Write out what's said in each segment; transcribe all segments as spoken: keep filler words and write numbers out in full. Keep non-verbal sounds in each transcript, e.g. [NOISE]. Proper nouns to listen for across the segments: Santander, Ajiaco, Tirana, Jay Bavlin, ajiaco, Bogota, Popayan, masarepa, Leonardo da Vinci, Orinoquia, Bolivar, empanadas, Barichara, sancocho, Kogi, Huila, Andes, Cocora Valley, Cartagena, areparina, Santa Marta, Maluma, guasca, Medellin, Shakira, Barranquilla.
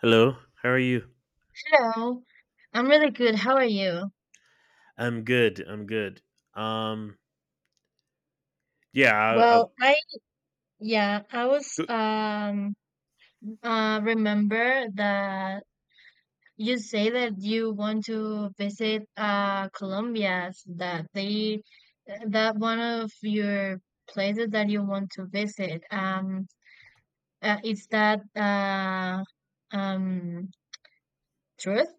Hello, how are you? Hello, I'm really good. How are you? I'm good. I'm good. Um, yeah, I, I, Well, I yeah, I was g- um uh remember that you say that you want to visit uh Colombia, s- that they that one of your places that you want to visit. Um, uh, is that uh um truth?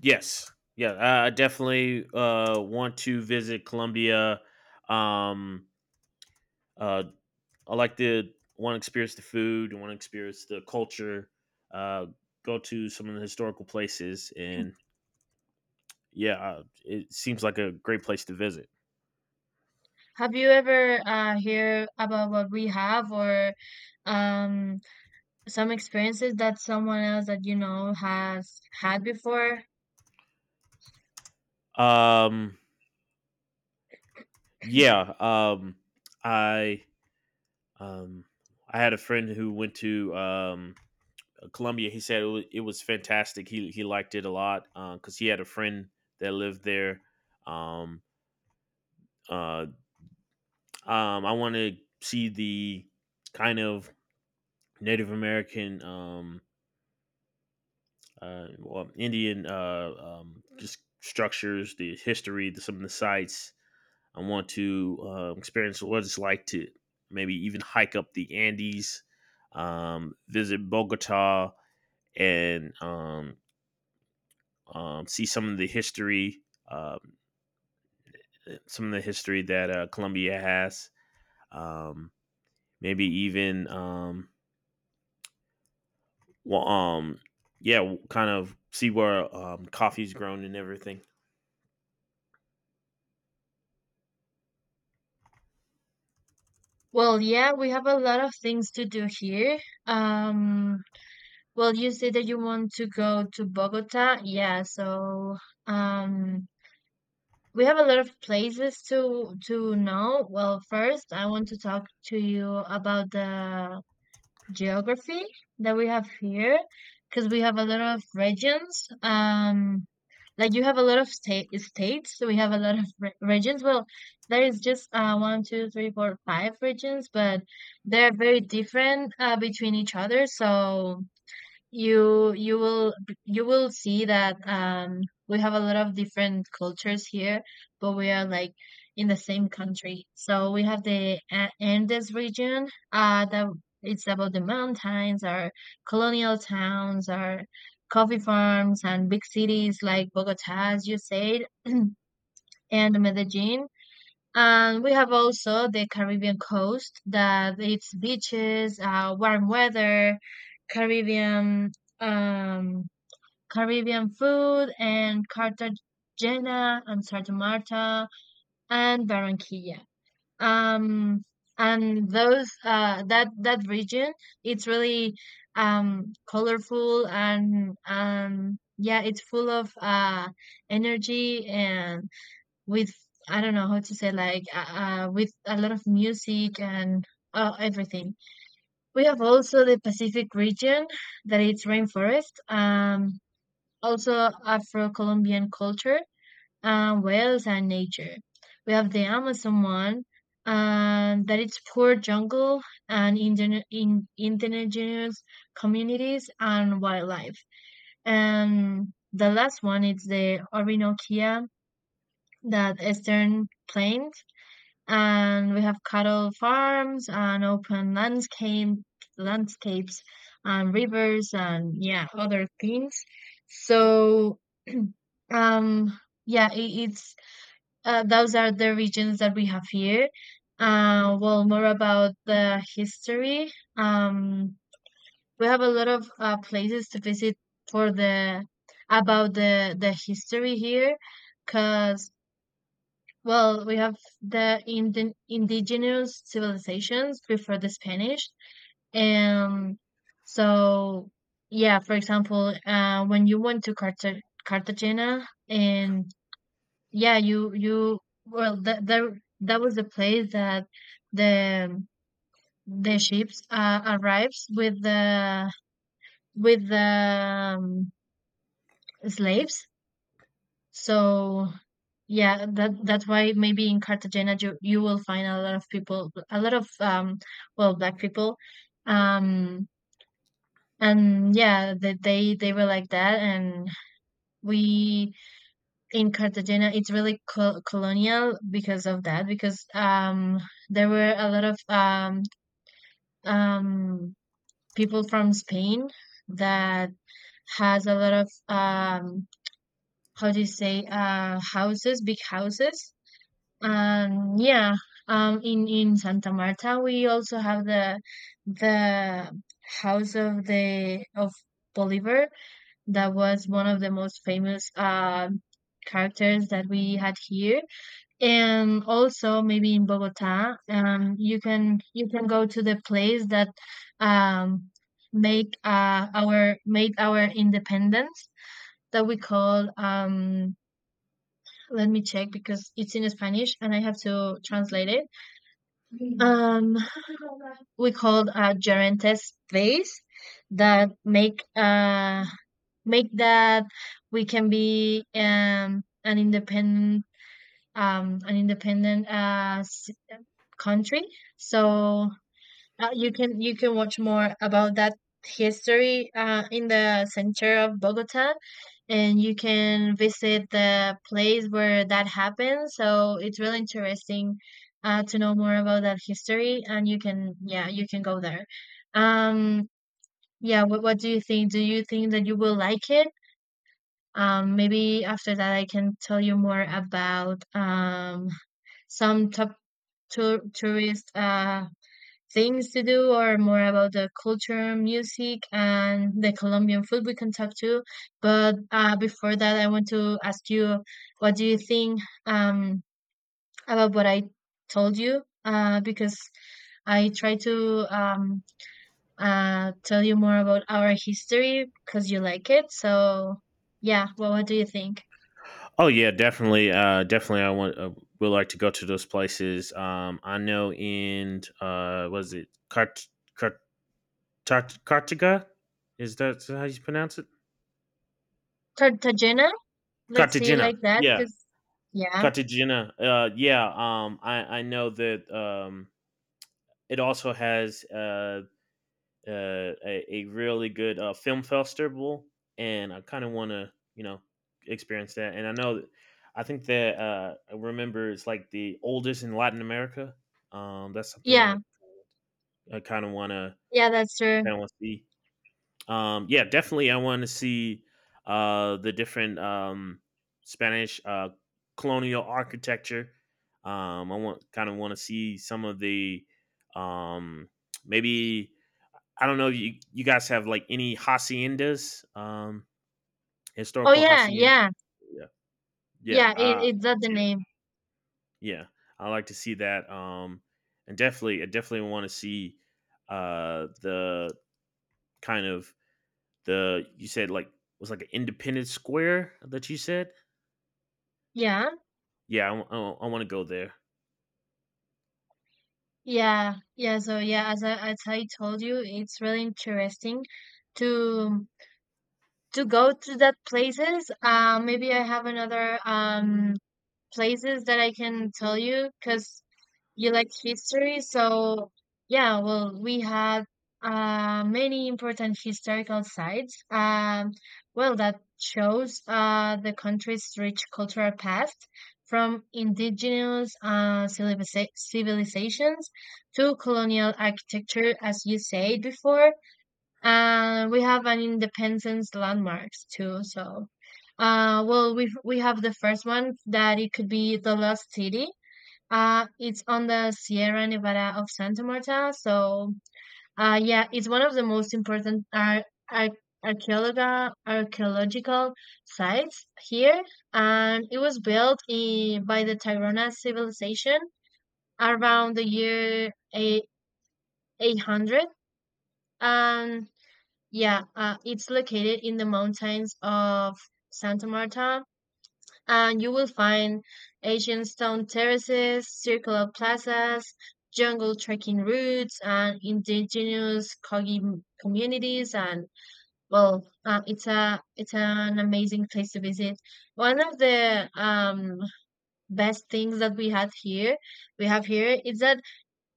yes, yeah. I I definitely uh want to visit Colombia. Um, uh, I like to want to experience the food. I want to experience the culture. Uh, Go to some of the historical places, and yeah, uh, it seems like a great place to visit. Have you ever uh hear about what we have, or um some experiences that someone else that you know has had before? Um, yeah. Um, I um, I had a friend who went to um Colombia. He said it was, it was fantastic. He he liked it a lot because uh, he had a friend that lived there. Um, uh, um, I want to see the kind of Native American, um, uh, well, Indian, uh, um, just structures, the history, the, some of the sites. I want to uh, experience what it's like to maybe even hike up the Andes, um, visit Bogota, and um, um, see some of the history. Uh, some of the history that uh, Columbia has. Um, Maybe even um, well, um, yeah, kind of see where um, coffee's grown and everything. Well, yeah, we have a lot of things to do here. Um well you say that you want to go to Bogota, yeah, so um we have a lot of places to to know. Well, first I want to talk to you about the geography that we have here, because we have a lot of regions. um Like you have a lot of state states, so we have a lot of re regions. Well, there is just uh, one, two, three, four, five regions, but they're very different uh, between each other. So you you will you will see that um we have a lot of different cultures here, but we are like in the same country. So we have the A- Andes region, uh that it's about the mountains, our colonial towns, our coffee farms, and big cities like Bogota, as you said, and Medellin. And we have also the Caribbean coast, that it's beaches, uh warm weather, Caribbean, um Caribbean food, and Cartagena and Santa Marta and Barranquilla. Um, and those uh, that that region, it's really um, colorful, and um, yeah, it's full of uh, energy and with, I don't know how to say, like uh, uh, with a lot of music and uh, everything. We have also the Pacific region, that it's rainforest. Um, also Afro-Colombian culture, and whales and nature. We have the Amazon one, and that it's poor jungle and indigen- in- indigenous communities and wildlife. And the last one is the Orinoquia, that eastern plains, and we have cattle farms and open landscape landscapes and rivers, and yeah, other things. So [CLEARS THROAT] um yeah it, it's uh, those are the regions that we have here. Uh well more about the history, um we have a lot of uh, places to visit for the, about the the history here, because, well, we have the indi indigenous civilizations before the Spanish. And so, yeah, for example, uh, when you went to Carta Cartagena, and yeah, you, you, well, that, that, that was the place that the, the ships uh, arrives with the, with the, um, slaves. So yeah, that that's why maybe in Cartagena you, you will find a lot of people, a lot of um, well, black people, um, and yeah, that they they were like that. And we, in Cartagena, it's really col colonial because of that, because um, there were a lot of um, um, people from Spain that has a lot of, um, how do you say, uh, houses, big houses. Um, yeah, um, in in Santa Marta, we also have the the House of the of Bolivar, that was one of the most famous uh, characters that we had here. And also maybe in Bogota, um, you can you can go to the place that um make uh our made our independence, that we call, um let me check because it's in Spanish and I have to translate it, um, we called a Gerantes base, that make uh make that we can be um an independent um an independent uh s- country. So uh, you can you can watch more about that history uh, in the center of Bogota, and you can visit the place where that happened. So it's really interesting uh, to know more about that history, and you can, yeah, you can go there. Um, yeah, what what do you think? Do you think that you will like it? Um, maybe after that I can tell you more about, um, some top tour, tourist uh, things to do, or more about the culture, music, and the Colombian food we can talk to. But uh, before that, I want to ask you, what do you think, um, about what I told you? Uh, because I try to, um, uh, tell you more about our history because you like it. So, yeah, well, what do you think? Oh yeah, definitely, uh, definitely. I want uh, would like to go to those places. Um, I know in uh, was it Cart Cart Tart- Is that how you pronounce it? Cartagena? Let's see, Cartagena. like that, Yeah, because yeah, Cartagena. Uh, yeah. Um, I I know that um, it also has uh uh, a, a really good uh, film festival, and I kind of want to you know experience that. And I know that I think that uh, I remember it's like the oldest in Latin America. Um, that's something I, yeah, I kind of want to yeah, that's true. kind of want to see. Um, yeah, definitely, I want to see uh, the different um, Spanish uh, colonial architecture. Um, I want kind of want to see some of the um, maybe I don't know if you you guys have like any haciendas, um, Oh historical yeah, haciendas. yeah, Yeah, yeah, yeah. It, uh, it's not the name. yeah. I like to see that, um, and definitely, I definitely want to see uh, the kind of the you said like was like an independent square that you said. Yeah, Yeah, I want to go there. yeah, yeah. So yeah, as I as I told you, it's really interesting to to go to that places. Uh, maybe I have another um places that I can tell you because you like history. So, yeah, well, we had uh, many important historical sites. Um, well, that shows uh, the country's rich cultural past, from indigenous uh, civiliza- civilizations to colonial architecture, as you said before. And we have an independence landmarks too. So uh well, we we have the first one that it could be the Lost City. Uh it's on the Sierra Nevada of Santa Marta. So uh yeah, it's one of the most important ar- ar- archaeological archaeological sites here, and it was built in, by the Tirana civilization around the year eight- 800. um yeah, uh, it's located in the mountains of Santa Marta, and you will find ancient stone terraces, circular plazas, jungle trekking routes, and indigenous Kogi m- communities. And well, uh, it's a it's an amazing place to visit. One of the um, best things that we had here, we have here, is that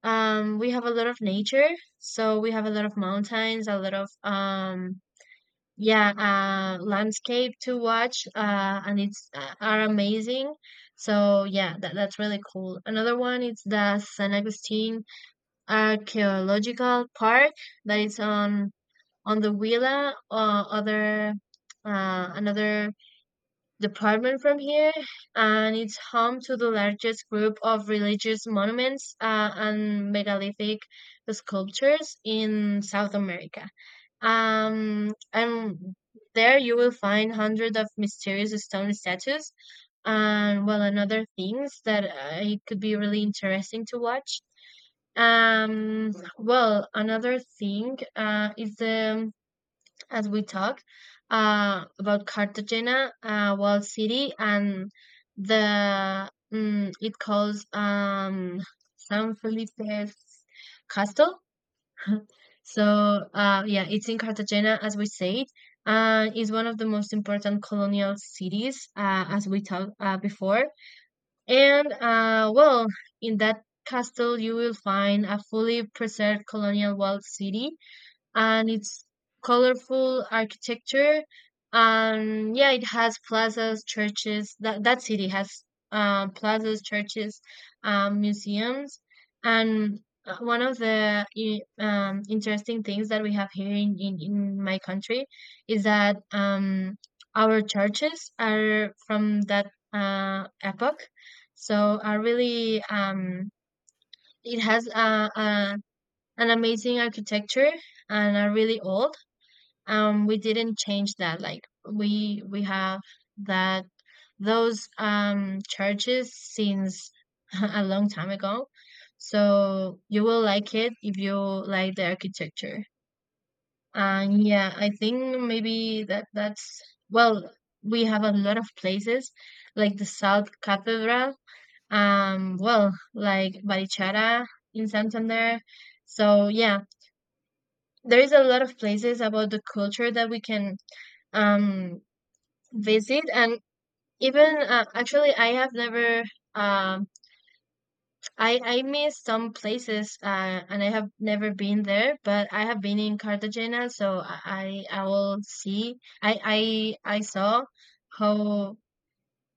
um, we have a lot of nature. So we have a lot of mountains, a lot of, um, yeah, uh landscape to watch, uh and it's uh, are amazing. So yeah, that, that's really cool. Another one is the San Agustin archaeological park, that is on on the Huila, uh, other uh, another department from here, and it's home to the largest group of religious monuments uh, and megalithic sculptures in South America. Um, and there you will find hundreds of mysterious stone statues, and well, and other things that uh, it could be really interesting to watch. Um, well, another thing uh, is the, as we talked uh, about Cartagena, uh, walled city, and the, mm, it calls, um, San Felipe's castle. So, uh, yeah, it's in Cartagena, as we said, and it's one of the most important colonial cities, uh, as we talked uh, before. And, uh, well, in that castle, you will find a fully preserved colonial walled city, and it's colorful architecture, and yeah, it has plazas, churches, that that city has, um, plazas, churches, um, museums, and uh, one of the i- um, interesting things that we have here in, in, in my country, is that um, our churches are from that uh, epoch. So are really, um, it has uh, uh, an amazing architecture, and are really old. Um we didn't change that. Like, we we have that, those um churches since [LAUGHS] a long time ago. So you will like it if you like the architecture. And yeah, I think maybe that that's, well, we have a lot of places, like the South Cathedral, um well, like Barichara in Santander. So yeah, there is a lot of places about the culture that we can um visit. And even uh, actually, I have never, um I i miss some places, uh and I have never been there, but I have been in Cartagena. So i i I will see, I I I saw how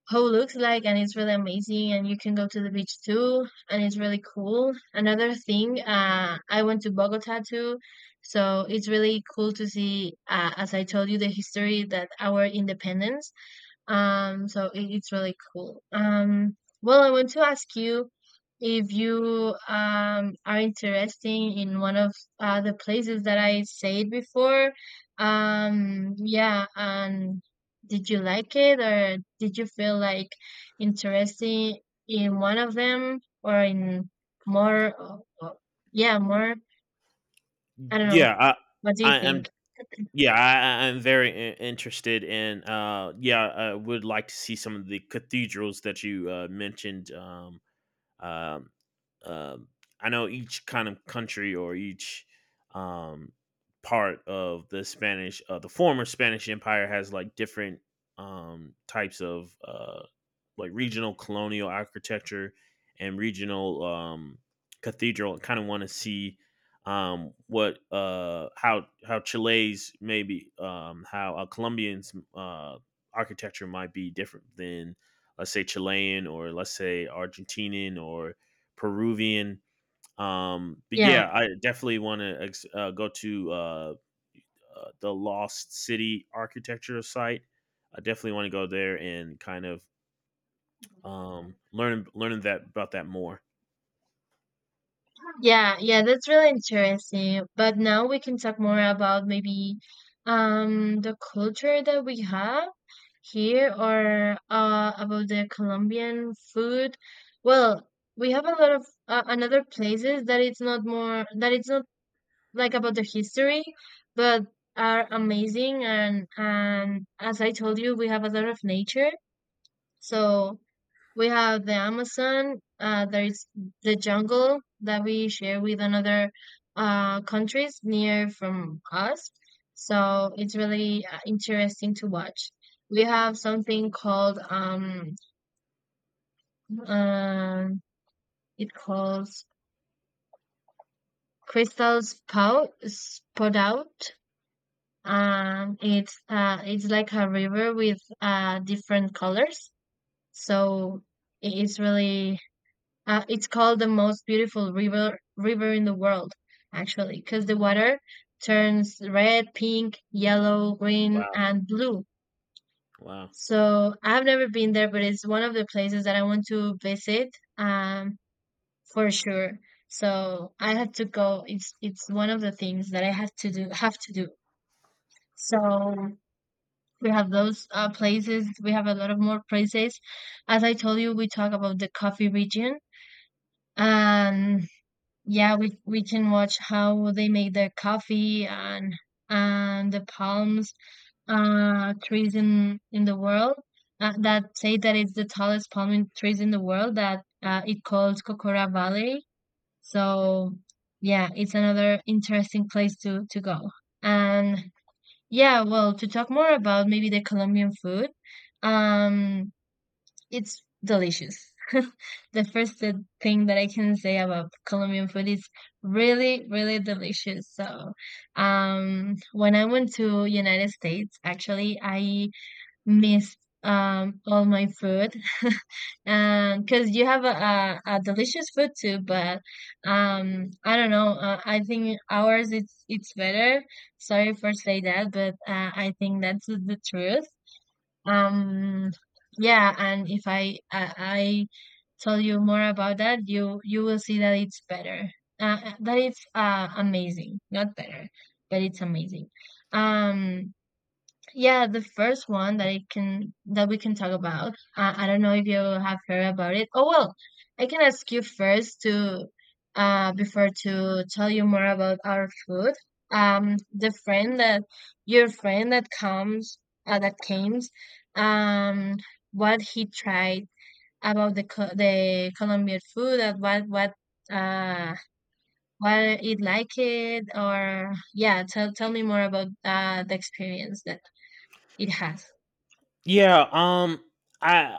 how it looks like, and it's really amazing, and you can go to the beach too, and it's really cool. Another thing, uh I went to Bogota too. So it's really cool to see, uh, as I told you, the history that our independence. Um, so it, it's really cool. Um, well, I want to ask you if you um are interested in one of uh, the places that I said before. Um, yeah, and did you like it, or did you feel like interested in one of them, or in more? Uh, uh, yeah, more. I don't know. Yeah, I, What do you I am. think? [CLEARS THROAT] Yeah, I, I- I'm very in- interested in. Uh, yeah, I would like to see some of the cathedrals that you uh, mentioned. Um, Um, um, I know each kind of country or each um, part of the Spanish, uh, the former Spanish Empire has like different um, types of uh, like regional colonial architecture and regional um, cathedral. I kind of want to see um, what uh, how how Chile's maybe um, how uh, Colombians uh, architecture might be different than let's say Chilean or let's say Argentinian or Peruvian. Um, but Yeah. yeah, I definitely want to ex- uh, go to uh, uh, the Lost City architecture site. I definitely want to go there and kind of um, learn learn that about that more. Yeah, yeah, that's really interesting. But now we can talk more about maybe um the culture that we have here, or uh about the Colombian food. Well, we have a lot of uh, another places that it's not more that it's not like about the history, but are amazing. And and as I told you, we have a lot of nature. So we have the Amazon, uh, there is the jungle that we share with another uh, countries near from us. So it's really uh, interesting to watch. We have something called, um, uh, it calls Crystal's Pout Spout Out. Um, it's uh, it's like a river with uh, different colors. So it's really Uh, it's called the most beautiful river river in the world, actually, because the water turns red, pink, yellow, green, Wow, and blue. wow. So I've never been there, but it's one of the places that I want to visit, um, for sure. So I have to go. It's it's one of the things that I have to do have to do. So we have those uh, places. We have a lot of more places. As I told you, we talk about the coffee region and yeah we we can watch how they make their coffee and and the palms uh trees in in the world uh, that say that it's the tallest palm in- trees in the world that uh, it calls Cocora Valley so yeah it's another interesting place to to go and yeah well to talk more about maybe the Colombian food um it's delicious. [LAUGHS] The first th- thing that I can say about Colombian food is really, really delicious. So, um, when I went to United States, actually, I missed um all my food. [LAUGHS] Um because you have a, a, a delicious food too, but um I don't know, uh, I think ours it's it's better. Sorry for say that, but uh, I think that's the the truth. um, yeah, and if I, I I tell you more about that, you you will see that it's better. Uh, uh, that it's uh amazing, not better, but it's amazing. Um, yeah, the first one that I can that we can talk about. Uh, I don't know if you have heard about it. Oh well, I can ask you first to uh before to tell you more about our food. Um, the friend that your friend that comes uh, that came, um, what he tried about the co the Colombian food and what what uh what it like it. Or yeah, tell tell me more about uh the experience that it has. Yeah, um, I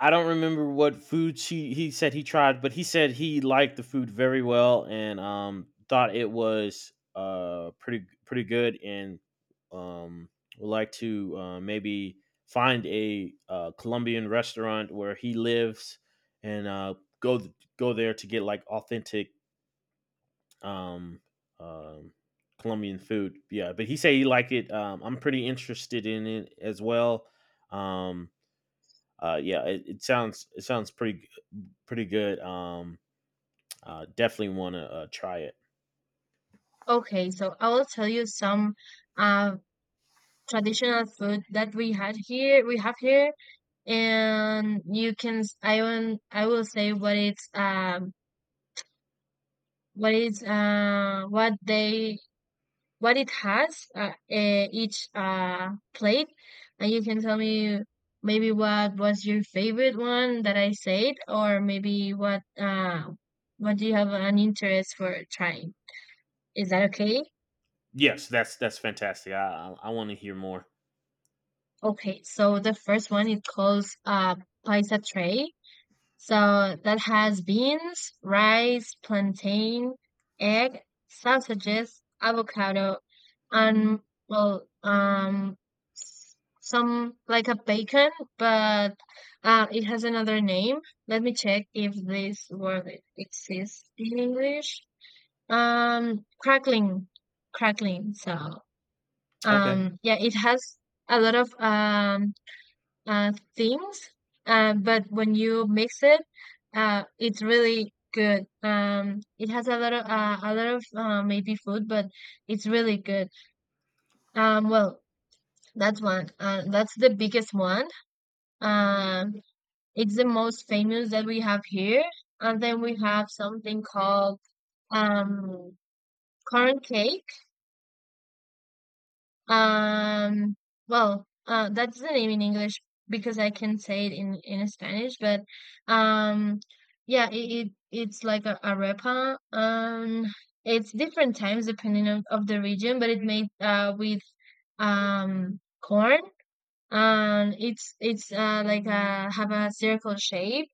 I don't remember what food she he said he tried, but he said he liked the food very well and um thought it was uh pretty pretty good and um would like to uh, maybe find a uh, Colombian restaurant where he lives and uh go th- go there to get like authentic um um Colombian food. Yeah, but he said he liked it. Um, I'm pretty interested in it as well. Um uh, yeah, it, it sounds it sounds pretty pretty good. Um, uh, definitely want to uh, try it. Okay, so I will tell you some uh, traditional food that we had here. We have here, and you can. s- I will. I will say what it's. Um, what it's. Uh, what they. What it has. Uh, eh, each uh plate, and you can tell me maybe what was your favorite one that I said, or maybe what uh what do you have an interest for trying. Is that okay? Yes, that's that's fantastic. I I, I want to hear more. Okay, so the first one it calls uh paisa tray. So that has beans, rice, plantain, egg, sausages, avocado, and well, um, s- some like a bacon, but uh, it has another name. Let me check if this word e- exists in English. Um, crackling, Crackling. So, Okay. um, yeah, it has a lot of um uh, things. Uh, but when you mix it, uh, it's really good. Um, it has a lot of uh, a lot of uh, maybe food, but it's really good. Um, well, that's one. Uh, that's the biggest one. Um, it's the most famous that we have here, and then we have something called um corn cake. Um, well, uh, that's the name in English, because I can say it in in Spanish, but um, yeah, it, it it's like a arepa. Um, it's different times depending on of the region, but it made uh with um corn. Um, it's it's uh like a have a circle shape,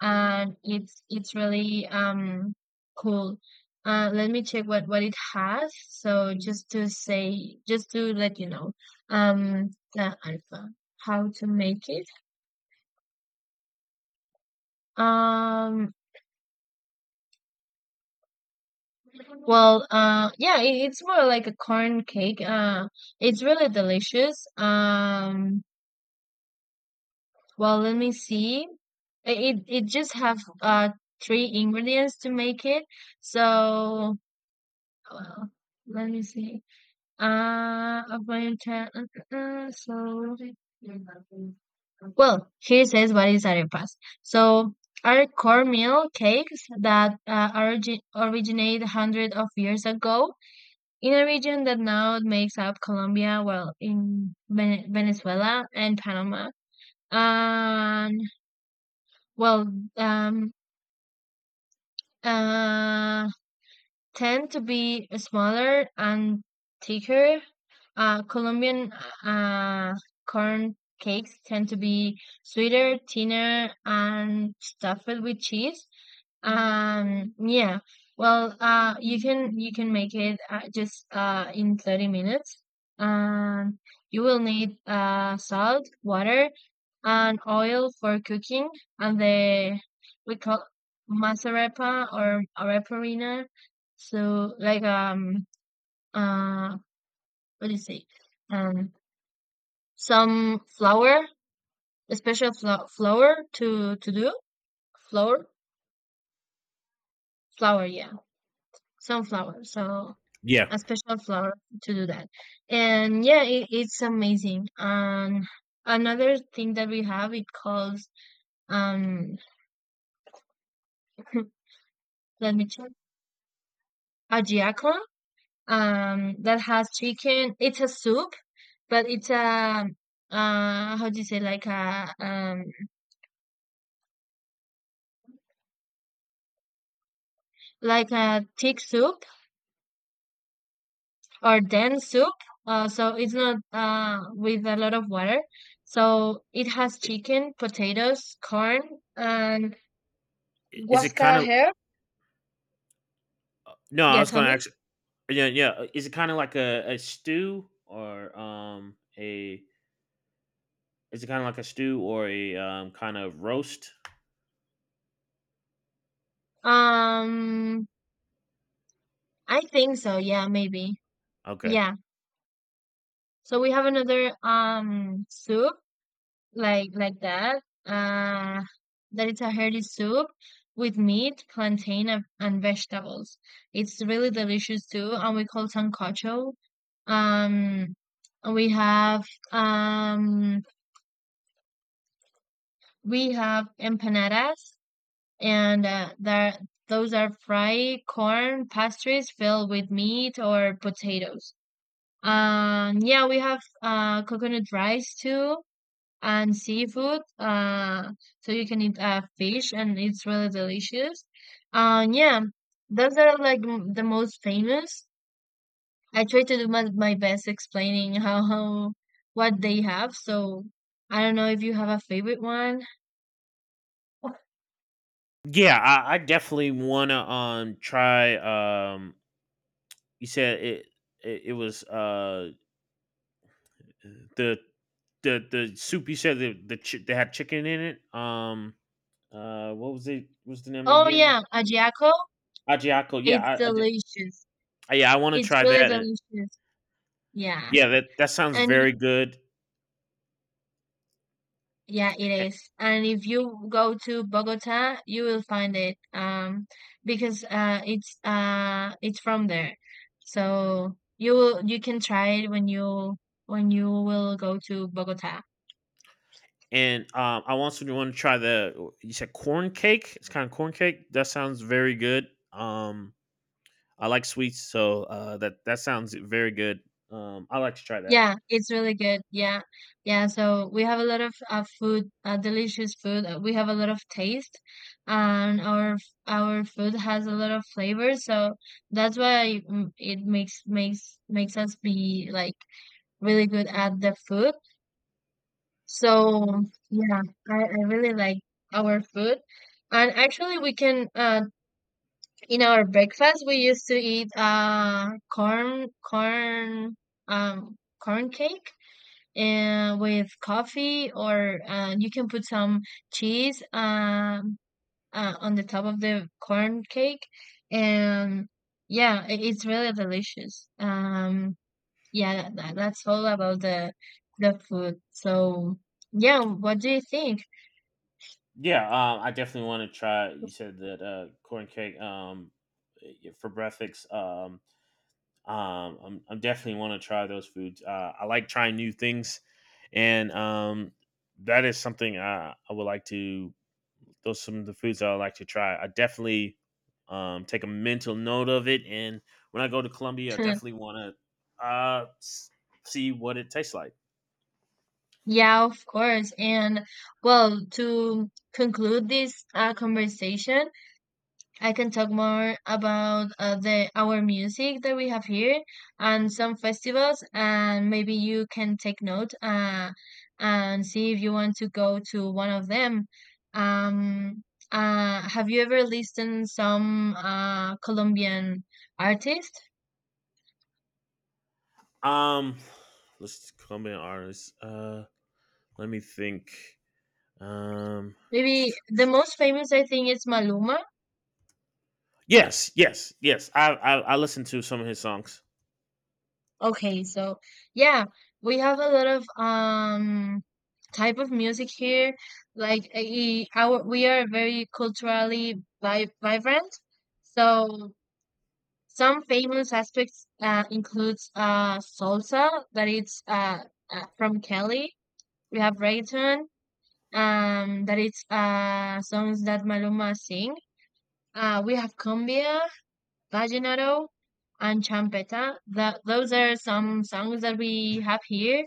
and it's it's really um cool. Uh, let me check what what it has. So just to say, just to let you know, um, the alpha, how to make it. Um, well, uh, yeah, it, it's more like a corn cake. Uh, it's really delicious. Um, well, let me see. I- It it just have uh three ingredients to make it. So, well, let me see. Uh, about inter- uh, uh, uh, so well, he says what is arepas. So are cornmeal cakes that uh, origi- originate hundreds of years ago in a region that now makes up Colombia, well, in Vene- Venezuela and Panama. And well, um, uh, tend to be smaller and thicker. Uh, Colombian uh, corn cakes tend to be sweeter, thinner, and stuffed with cheese. Um, yeah. Well, uh, you can you can make it uh, just uh in thirty minutes. Um, you will need uh salt, water, and oil for cooking, and the we call masarepa or areparina. So like um uh what do you say? Um, some flour, a special flo flour to to do flour, flour, yeah, some flour, so Yeah. a special flower to do that. And yeah, it, it's amazing. And another thing that we have, it calls, um, [LAUGHS] let me check, ajiaco, um, that has chicken. It's a soup, but it's a, uh, how do you say, like a, um, like a thick soup or dense soup. Uh, so it's not, uh, with a lot of water. So it has I- chicken, potatoes, corn, and i- Is it kind guasca of herb. no? I Yeah, was tell going to me. ask. Yeah, yeah. uh, Is it kind of like a, a stew or um a? Is it kind of like a stew or a um kind of roast? Um, I think so. Yeah, maybe. Okay. Yeah. So we have another um soup like like that. Uh, that it's a hearty soup with meat, plantain, and and vegetables. It's really delicious too, and we call sancocho. Um, we have um we have empanadas, and uh, there those are fried corn pastries filled with meat or potatoes. Um, yeah, we have uh coconut rice too and seafood. Uh, so you can eat uh fish and it's really delicious. Um, yeah, those are like m- the most famous. I try to do my, my best explaining [LAUGHS] how, how what they have. So I don't know if you have a favorite one. Yeah, I, I definitely want to um try um. You said it. It, it was uh the the the soup you said the the chi- they had chicken in it. Um, uh, what was it? What's the name Oh again? yeah, ajiaco. Ajiaco. Yeah, It's I, I did- delicious. uh, yeah, I want to It's try really that. Uh, delicious. Yeah. Yeah, that that sounds And very good. yeah, it A- is. And if you go to Bogota, you will find it um because uh it's uh it's from there. So you will you can try it when you when you will go to Bogota. And um, I also want to try the you said corn cake. It's kind of corn cake. That sounds very good. Um, I like sweets, so uh, that that sounds very good. Um, I like to try that. Yeah, it's really good. Yeah. Yeah, so we have a lot of uh, food, uh, delicious food. Uh, We have a lot of taste, and our f- our food has a lot of flavor, so that's why mm, it makes makes makes us be like really good at the food. So yeah, I, I really like our food. And actually, we can uh, in our breakfast we used to eat uh corn corn um corn cake and with coffee, or uh, you can put some cheese um uh, on the top of the corn cake, and yeah, i- it's really delicious. Um, yeah, that, that's all about the the food. So, yeah, what do you think? Yeah, um, I definitely want to try. You said that uh, corn cake um, y- for breakfast. Um, um, I'm, I'm definitely want to try those foods. Uh, I like trying new things, and um, that is something I, I would like to. Those are some of the foods I would like to try. I definitely um, take a mental note of it, and when I go to Colombia, I [LAUGHS] definitely want to uh, s- see what it tastes like. Yeah, of course. And well, to conclude this uh, conversation, I can talk more about uh, the our music that we have here and some festivals, and maybe you can take note uh, and see if you want to go to one of them. Um, uh, have you ever listened some uh, Colombian artist? Um, let's Colombian artists. Uh, let me think. Um. Maybe the most famous I think is Maluma. Yes. Yes. Yes. I, I I listened to some of his songs. Okay, so yeah, we have a lot of um type of music here. Like eh, eh, our we are very culturally vi vibrant. So some famous aspects uh, includes uh salsa, that it's uh, uh from Kelly. We have reggaeton, um that it's uh songs that Maluma sing. Uh, we have cumbia, Vallenato, and champeta. That those are some songs that we have here.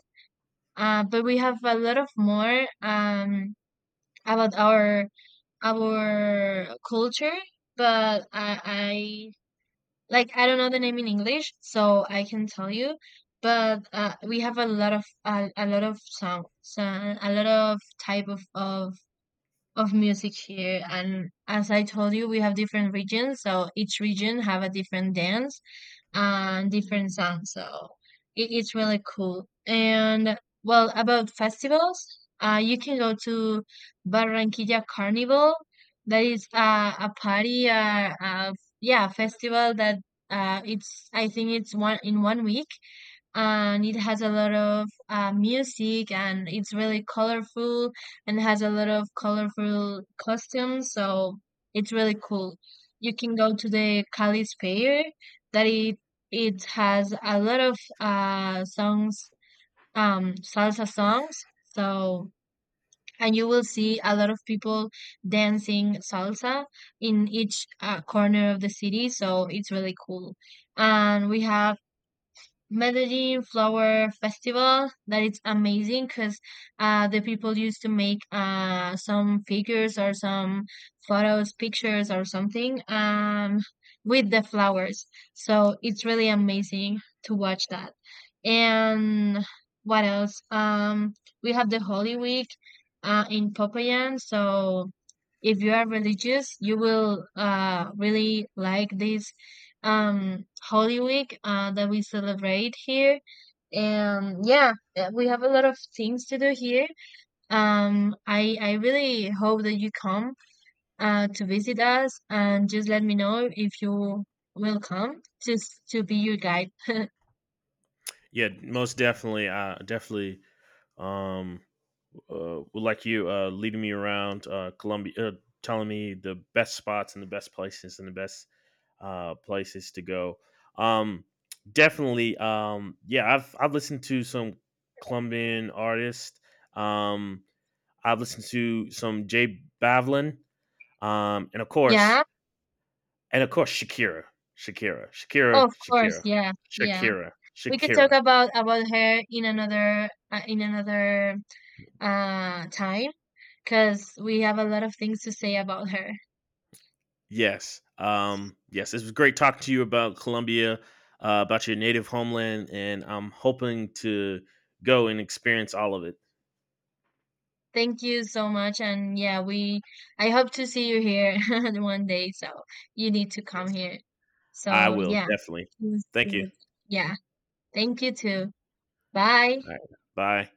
Uh, but we have a lot of more um, about our our culture. But I, I like I don't know the name in English, so I can tell you. But uh, we have a lot of a, a lot of songs, uh, a lot of type of, of of music here. And as I told you, we have different regions, so each region have a different dance and different sounds. So it, it's really cool. And well, about festivals, uh, you can go to Barranquilla Carnival. That is uh, a party, uh, uh, yeah, festival that uh, it's I think it's one in one week, and it has a lot of uh, music, and it's really colorful and has a lot of colorful costumes, so it's really cool. You can go to the Cali's Fair, that it it has a lot of uh, songs, um salsa songs, so and you will see a lot of people dancing salsa in each uh, corner of the city, so it's really cool. And we have Melody Flower Festival, that it's amazing because uh, the people used to make uh, some figures or some photos, pictures or something, um, with the flowers. So it's really amazing to watch that. And what else? Um, we have the Holy Week uh, in Popayan. So if you are religious, you will uh, really like this um Holy Week uh, that we celebrate here. And yeah, uh, we have a lot of things to do here. Um, I I really hope that you come uh, to visit us, and just let me know if you will come, just to be your guide. Yeah. Most definitely. I definitely um uh, would like you uh leading me around uh Columbia, uh, telling me the best spots and the best places and the best uh places to go. Um. Definitely. Um. Yeah. I've I've listened to some Colombian artists. Um. I've listened to some Jay Bavlin. Um. And of course Yeah, And of course, Shakira, Shakira, Shakira, of course. Shakira, Yeah, yeah. Shakira, We can talk Shakira. about about her in another uh, in another uh, time, because we have a lot of things to say about her. Yes, um, yes. It was great talking to you about Colombia, uh, about your native homeland, and I'm hoping to go and experience all of it. Thank you so much. And yeah, we I hope to see you here [LAUGHS] one day. So you need to come Yes, here. I So will yeah. definitely. Yes, Thank you. yes. Yeah. Thank you too. Bye. All right, bye.